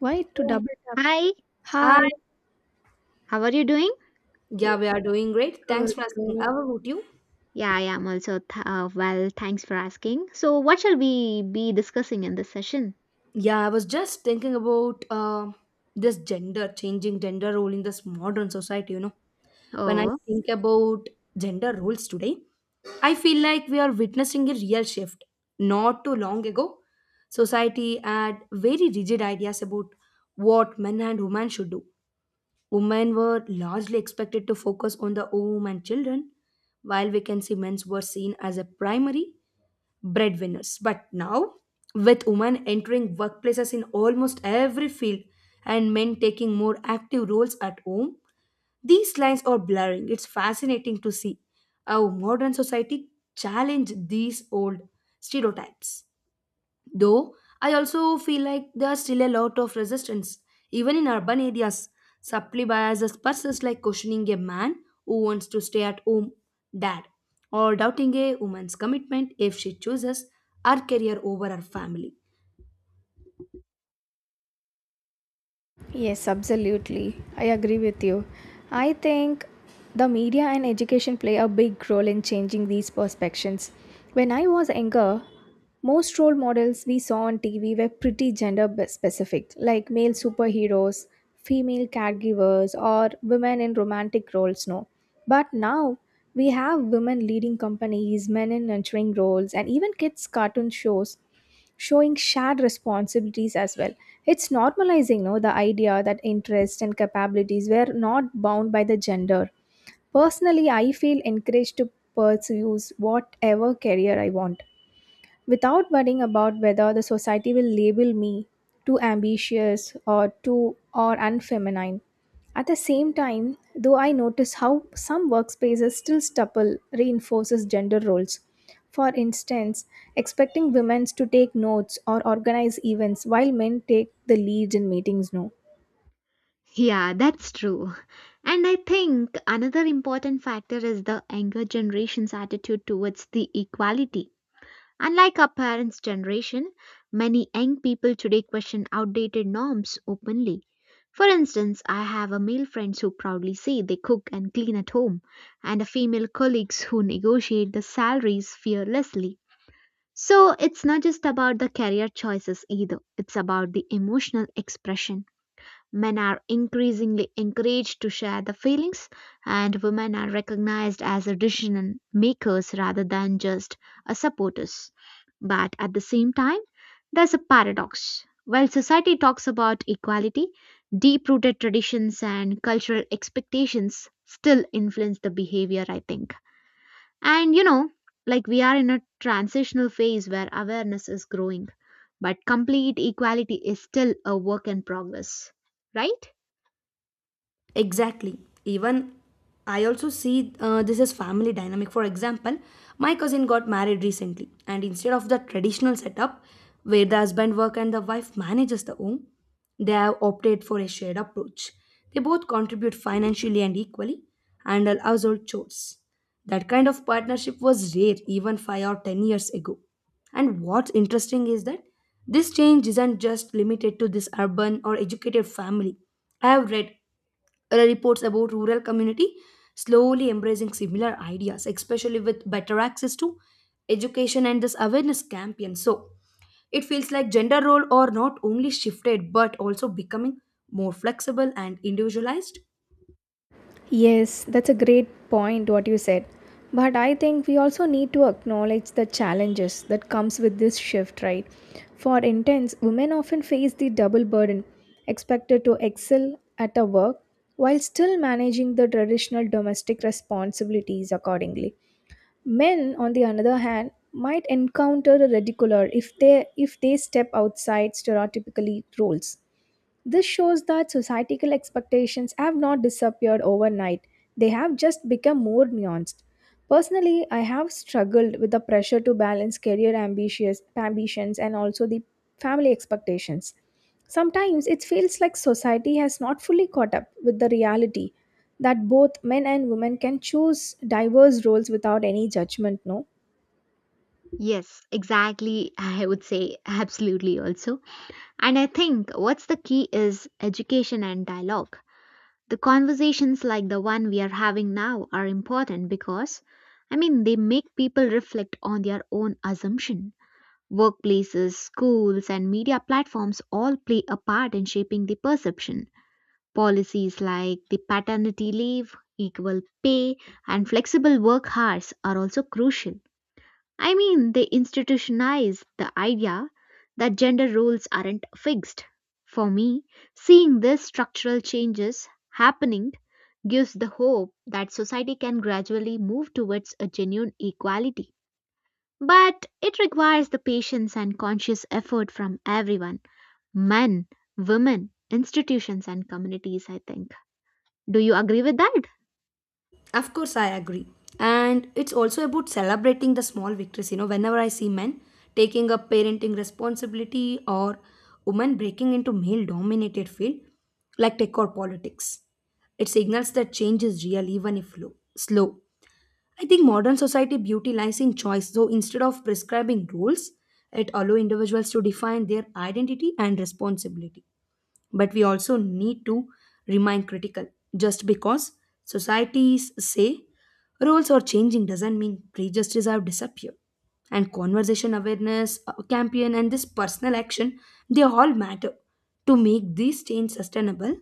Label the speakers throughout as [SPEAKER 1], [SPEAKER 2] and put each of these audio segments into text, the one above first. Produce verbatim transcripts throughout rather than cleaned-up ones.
[SPEAKER 1] Why to double tap?
[SPEAKER 2] Hi,
[SPEAKER 3] I.
[SPEAKER 1] Hi.
[SPEAKER 2] how are you doing?
[SPEAKER 3] Yeah,
[SPEAKER 1] Yeah,
[SPEAKER 3] we are doing great. Thanks
[SPEAKER 1] good,
[SPEAKER 3] for asking.
[SPEAKER 1] good.
[SPEAKER 3] How about you?
[SPEAKER 2] Yeah, I am also th- uh, well. Thanks for asking. So, what shall we be discussing in this session?
[SPEAKER 3] Yeah, I was just thinking about uh, this gender changing gender role in this modern society. You know, when
[SPEAKER 1] Yes.
[SPEAKER 3] I
[SPEAKER 2] Oh,
[SPEAKER 3] think about gender roles today, I feel like we are witnessing a real shift. Not too long ago, society had very rigid ideas about what men and women should do. Women were largely expected to focus on the home and children, while we can see men were seen as a primary breadwinners. But now, with women entering workplaces in almost every field and men taking more active roles at home, these lines are blurring. It's fascinating to see how modern society challenge these old stereotypes. Though I also feel like there's still a lot of resistance, even in urban areas. Supply biases persist like questioning a man who wants to stay at home, dad, or doubting a woman's commitment if she chooses her career over her family.
[SPEAKER 1] Yes, absolutely. I agree with you. I think the media and education play a big role in changing these perceptions. When I was younger, most role models we saw on T V were pretty gender b- specific, like male superheroes, female caregivers, or women in romantic roles. No, but now we have women leading companies, men in nurturing roles, and even kids' cartoon shows showing shared responsibilities as well. It's normalizing no, the idea that interests and capabilities were not bound by the gender. Personally, I feel encouraged to pursue whatever career I want without worrying about whether the society will label me too ambitious or too or unfeminine. At the same time, though I notice how some workspaces still stubble reinforces gender roles. For instance, expecting women to take notes or organize events while men take the lead in meetings no.
[SPEAKER 2] yeah, that's true. And I think another important factor is the younger generation's attitude towards the equality. Unlike our parents' generation, many young people today question outdated norms openly. For instance, I have a male friends who proudly say they cook and clean at home, and a female colleagues who negotiate the salaries fearlessly. So it's not just about the career choices either, it's about the emotional expression. Men are increasingly encouraged to share the feelings, and women are recognized as a decision makers rather than just a supporters. But at the same time, there's a paradox. While society talks about equality, deep rooted traditions and cultural expectations still influence the behavior, I think. And you know, like we are in a transitional phase where awareness is growing, but complete equality is still a work in progress, right?
[SPEAKER 3] Exactly. Even I also see uh, this as family dynamic. For example, my cousin got married recently, and instead of the traditional setup where the husband work and the wife manages the home, they have opted for a shared approach. They both contribute financially and equally, handle household chores. That kind of partnership was rare even five or ten years ago. And what's interesting is that this change isn't just limited to this urban or educated family. I have read reports about rural community slowly embracing similar ideas, especially with better access to education and this awareness campaign. So it feels like gender role are not only shifted but also becoming more flexible and individualized.
[SPEAKER 1] Yes, that's a great point what you said. But I think we also need to acknowledge the challenges that comes with this shift, right? For interns, women often face the double burden, expected to excel at a work while still managing the traditional domestic responsibilities accordingly. Men, on the other hand, might encounter a ridicule if they if they step outside stereotypically roles. This shows that societal expectations have not disappeared overnight, they have just become more nuanced. Personally, I have struggled with the pressure to balance career ambitious, ambitions and also the family expectations. Sometimes it feels like society has not fully caught up with the reality that both men and women can choose diverse roles without any judgment, no?
[SPEAKER 2] Yes, exactly. I would say absolutely also. And I think what's the key is education and dialogue. The conversations like the one we are having now are important because, I mean, they make people reflect on their own assumption. Workplaces, schools, and media platforms all play a part in shaping the perception. Policies like the paternity leave, equal pay, and flexible work hours are also crucial. I mean, they institutionalize the idea that gender roles aren't fixed. For me, seeing these structural changes happening gives the hope that society can gradually move towards a genuine equality. But it requires the patience and conscious effort from everyone: men, women, institutions, and communities, I think. Do you agree with that?
[SPEAKER 3] Of course, I agree. And it's also about celebrating the small victories. You know, whenever I see men taking up parenting responsibility or women breaking into male dominated field like tech or politics, it signals that change is real even if low, slow. I think modern society beauty lies in choice. So instead of prescribing rules, it allows individuals to define their identity and responsibility, but we also need to remain critical. Just because societies say roles are changing doesn't mean prejudices have disappeared. And conversation awareness, uh, campaign, and this personal action, they all matter to make this change sustainable.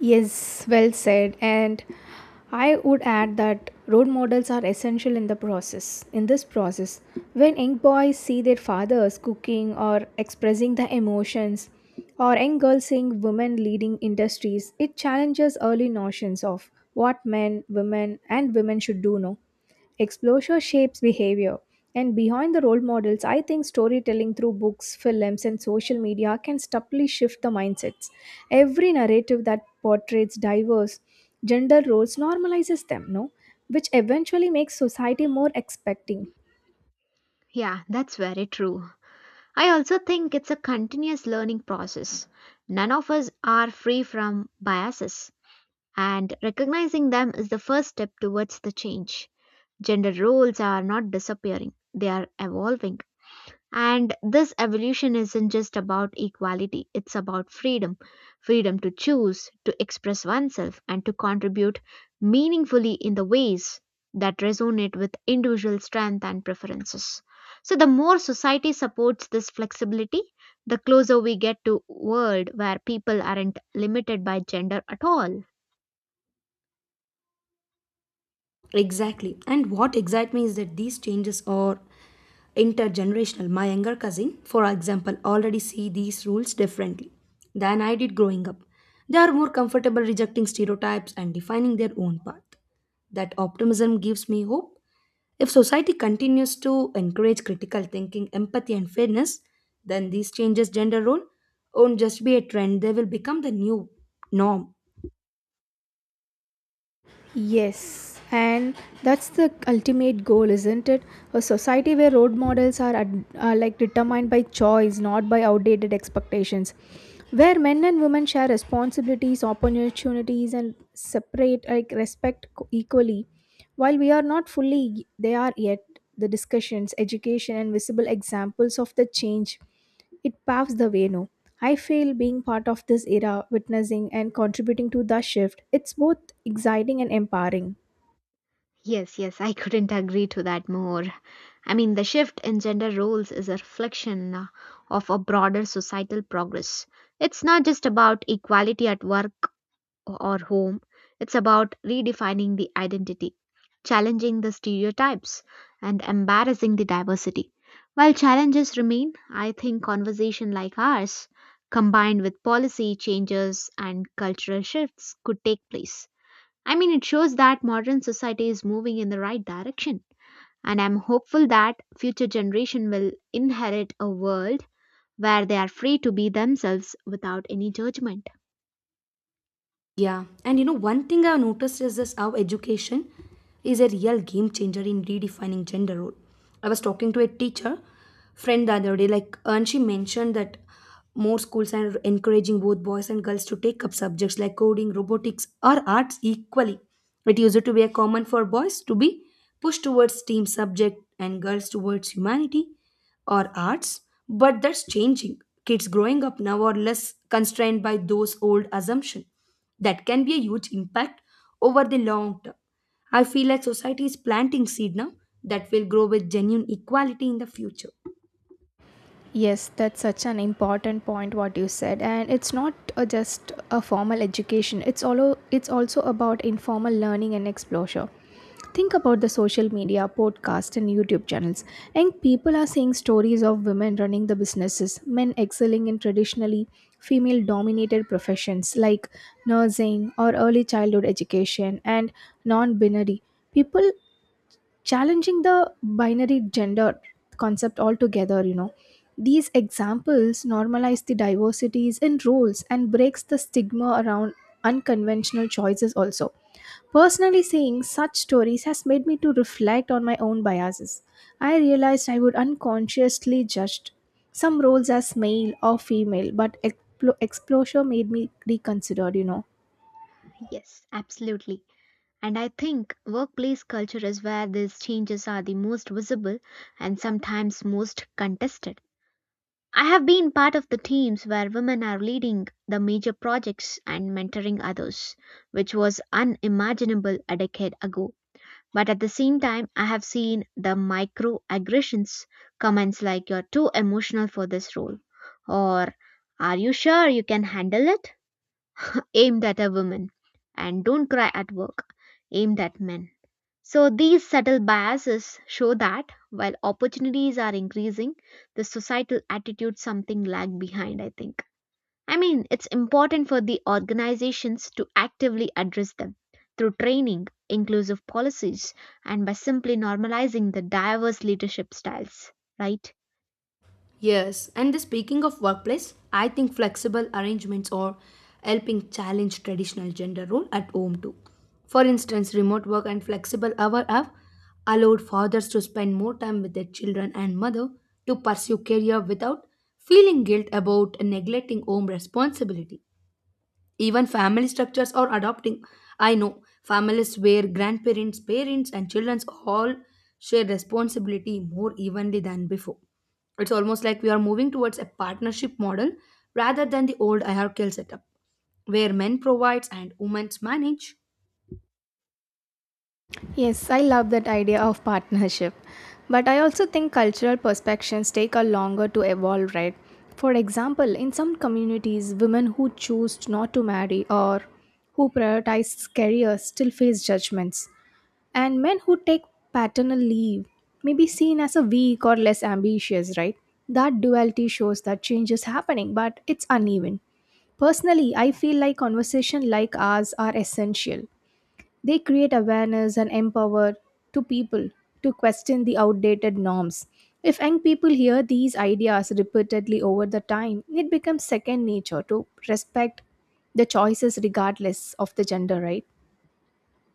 [SPEAKER 1] Yes, well said. And I would add that role models are essential in the process. In this process, when young boys see their fathers cooking or expressing their emotions, or young girls seeing women leading industries, it challenges early notions of what men, women, and women should do. No, exposure shapes behavior. And behind the role models, I think storytelling through books, films, and social media can subtly shift the mindsets. Every narrative that portrays diverse gender roles normalizes them, no? Which eventually makes society more expecting.
[SPEAKER 2] Yeah, that's very true. I also think it's a continuous learning process. None of us are free from biases, and recognizing them is the first step towards the change. Gender roles are not disappearing, they are evolving. And this evolution isn't just about equality, it's about freedom, freedom to choose, to express oneself, and to contribute meaningfully in the ways that resonate with individual strength and preferences. So, the more society supports this flexibility, the closer we get to a world where people aren't limited by gender at all.
[SPEAKER 3] Exactly. And what excites me is that these changes are intergenerational. My younger cousin, for example, already see these rules differently than I did growing up. They are more comfortable rejecting stereotypes and defining their own path. That optimism gives me hope. If society continues to encourage critical thinking, empathy, and fairness, then these changes gender role won't just be a trend, they will become the new norm.
[SPEAKER 1] Yes, and that's the ultimate goal, isn't it? A society where road models are, ad- are like determined by choice, not by outdated expectations. Where men and women share responsibilities, opportunities, and separate like respect co- equally. While we are not fully, they are yet the discussions, education, and visible examples of the change. It paves the way now. I feel being part of this era, witnessing and contributing to the shift, it's both exciting and empowering.
[SPEAKER 2] Yes, yes, I couldn't agree to that more. I mean, the shift in gender roles is a reflection uh, of a broader societal progress. It's not just about equality at work or home, it's about redefining the identity, challenging the stereotypes, and embarrassing the diversity. While challenges remain, I think conversation like ours, combined with policy changes and cultural shifts, could take place. I mean, it shows that modern society is moving in the right direction and I'm hopeful that future generation will inherit a world where they are free to be themselves without any judgment.
[SPEAKER 3] Yeah, and you know, one thing I've noticed is this how education is a real game changer in redefining gender role. I was talking to a teacher friend the other day, like, and she mentioned that more schools are encouraging both boys and girls to take up subjects like coding, robotics, or arts equally. It used to be a common for boys to be pushed towards STEAM subject and girls towards humanity or arts, but that's changing. Kids growing up now are less constrained by those old assumptions that can be a huge impact over the long term. I feel like society is planting seed now that will grow with genuine equality in the future.
[SPEAKER 1] Yes, that's such an important point what you said, and it's not uh, just a formal education. It's all. It's also about informal learning and exposure. Think about the social media, podcast, and YouTube channels. Young people are seeing stories of women running the businesses, men excelling in traditionally female-dominated professions like nursing or early childhood education and non-binary. People challenging the binary gender concept altogether, you know, these examples normalize the diversities in roles and breaks the stigma around unconventional choices. Also, personally, seeing such stories has made me to reflect on my own biases. I realized I would unconsciously judged some roles as male or female, but explo- exposure made me reconsider, you know.
[SPEAKER 2] Yes, absolutely. And I think workplace culture is where these changes are the most visible and sometimes most contested. I have been part of the teams where women are leading the major projects and mentoring others, which was unimaginable a decade ago. But at the same time, I have seen the microaggressions, comments like "you're too emotional for this role," or "are you sure you can handle it?" aimed at a woman, and "don't cry at work," aimed at men. So these subtle biases show that while opportunities are increasing, the societal attitude something lag behind, I think. I mean, it's important for the organizations to actively address them through training, inclusive policies, and by simply normalizing the diverse leadership styles, right?
[SPEAKER 3] Yes, and the speaking of workplace, I think flexible arrangements are helping challenge traditional gender role at home too. For instance, remote work and flexible hour have allowed fathers to spend more time with their children and mother to pursue career without feeling guilt about neglecting home responsibility. Even family structures are adopting. I know families where grandparents, parents, and children all share responsibility more evenly than before. It's almost like we are moving towards a partnership model rather than the old hierarchical setup, where men provides and women manage.
[SPEAKER 1] Yes, I love that idea of partnership. But I also think cultural perspectives take a longer to evolve, right? For example, in some communities, women who choose not to marry or who prioritize careers still face judgments. And men who take paternal leave may be seen as a weak or less ambitious, right? That duality shows that change is happening, but it's uneven. Personally, I feel like conversations like ours are essential. They create awareness and empower to people to question the outdated norms. If young people hear these ideas repeatedly over the time, it becomes second nature to respect the choices regardless of the gender, right?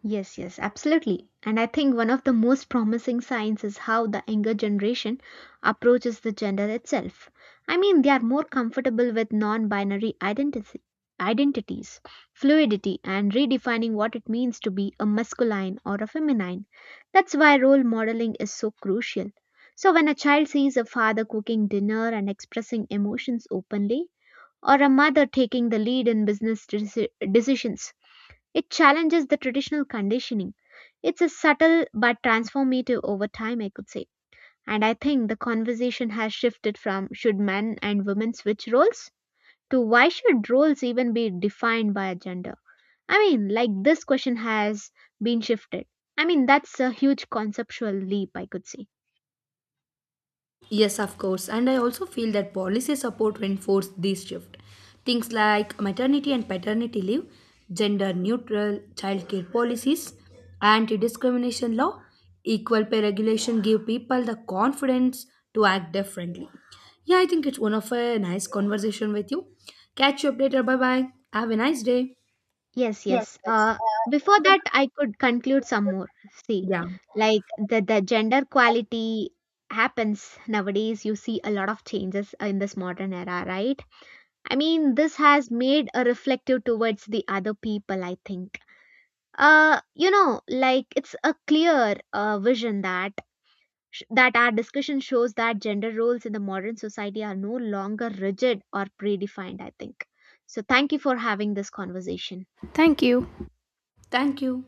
[SPEAKER 2] Yes, yes, absolutely. And I think one of the most promising signs is how the younger generation approaches the gender itself. I mean, they are more comfortable with non binary identity, identities, fluidity, and redefining what it means to be a masculine or a feminine. That's why role modeling is so crucial. So, when a child sees a father cooking dinner and expressing emotions openly, or a mother taking the lead in business deci- decisions, it challenges the traditional conditioning. It's a subtle but transformative over time, I could say. And I think the conversation has shifted from should men and women switch roles to why should roles even be defined by a gender? I mean, like this question has been shifted. I mean, that's a huge conceptual leap, I could say.
[SPEAKER 3] Yes, of course. And I also feel that policy support reinforce this shift. Things like maternity and paternity leave, gender neutral childcare policies, anti discrimination law, equal pay regulation give people the confidence to act differently. Yeah, I think it's one of a nice conversation with you. Catch you up later. Bye bye. Have a nice day.
[SPEAKER 2] Yes, yes. Uh, before that, I could conclude some more. See,
[SPEAKER 3] Yeah.
[SPEAKER 2] like the, the gender quality happens nowadays. You see a lot of changes in this modern era, right? I mean, this has made a reflective towards the other people, I think. Uh, you know, like it's a clear uh, vision that sh- that our discussion shows that gender roles in the modern society are no longer rigid or predefined, I think. So thank you for having this conversation.
[SPEAKER 1] Thank you.
[SPEAKER 3] Thank you.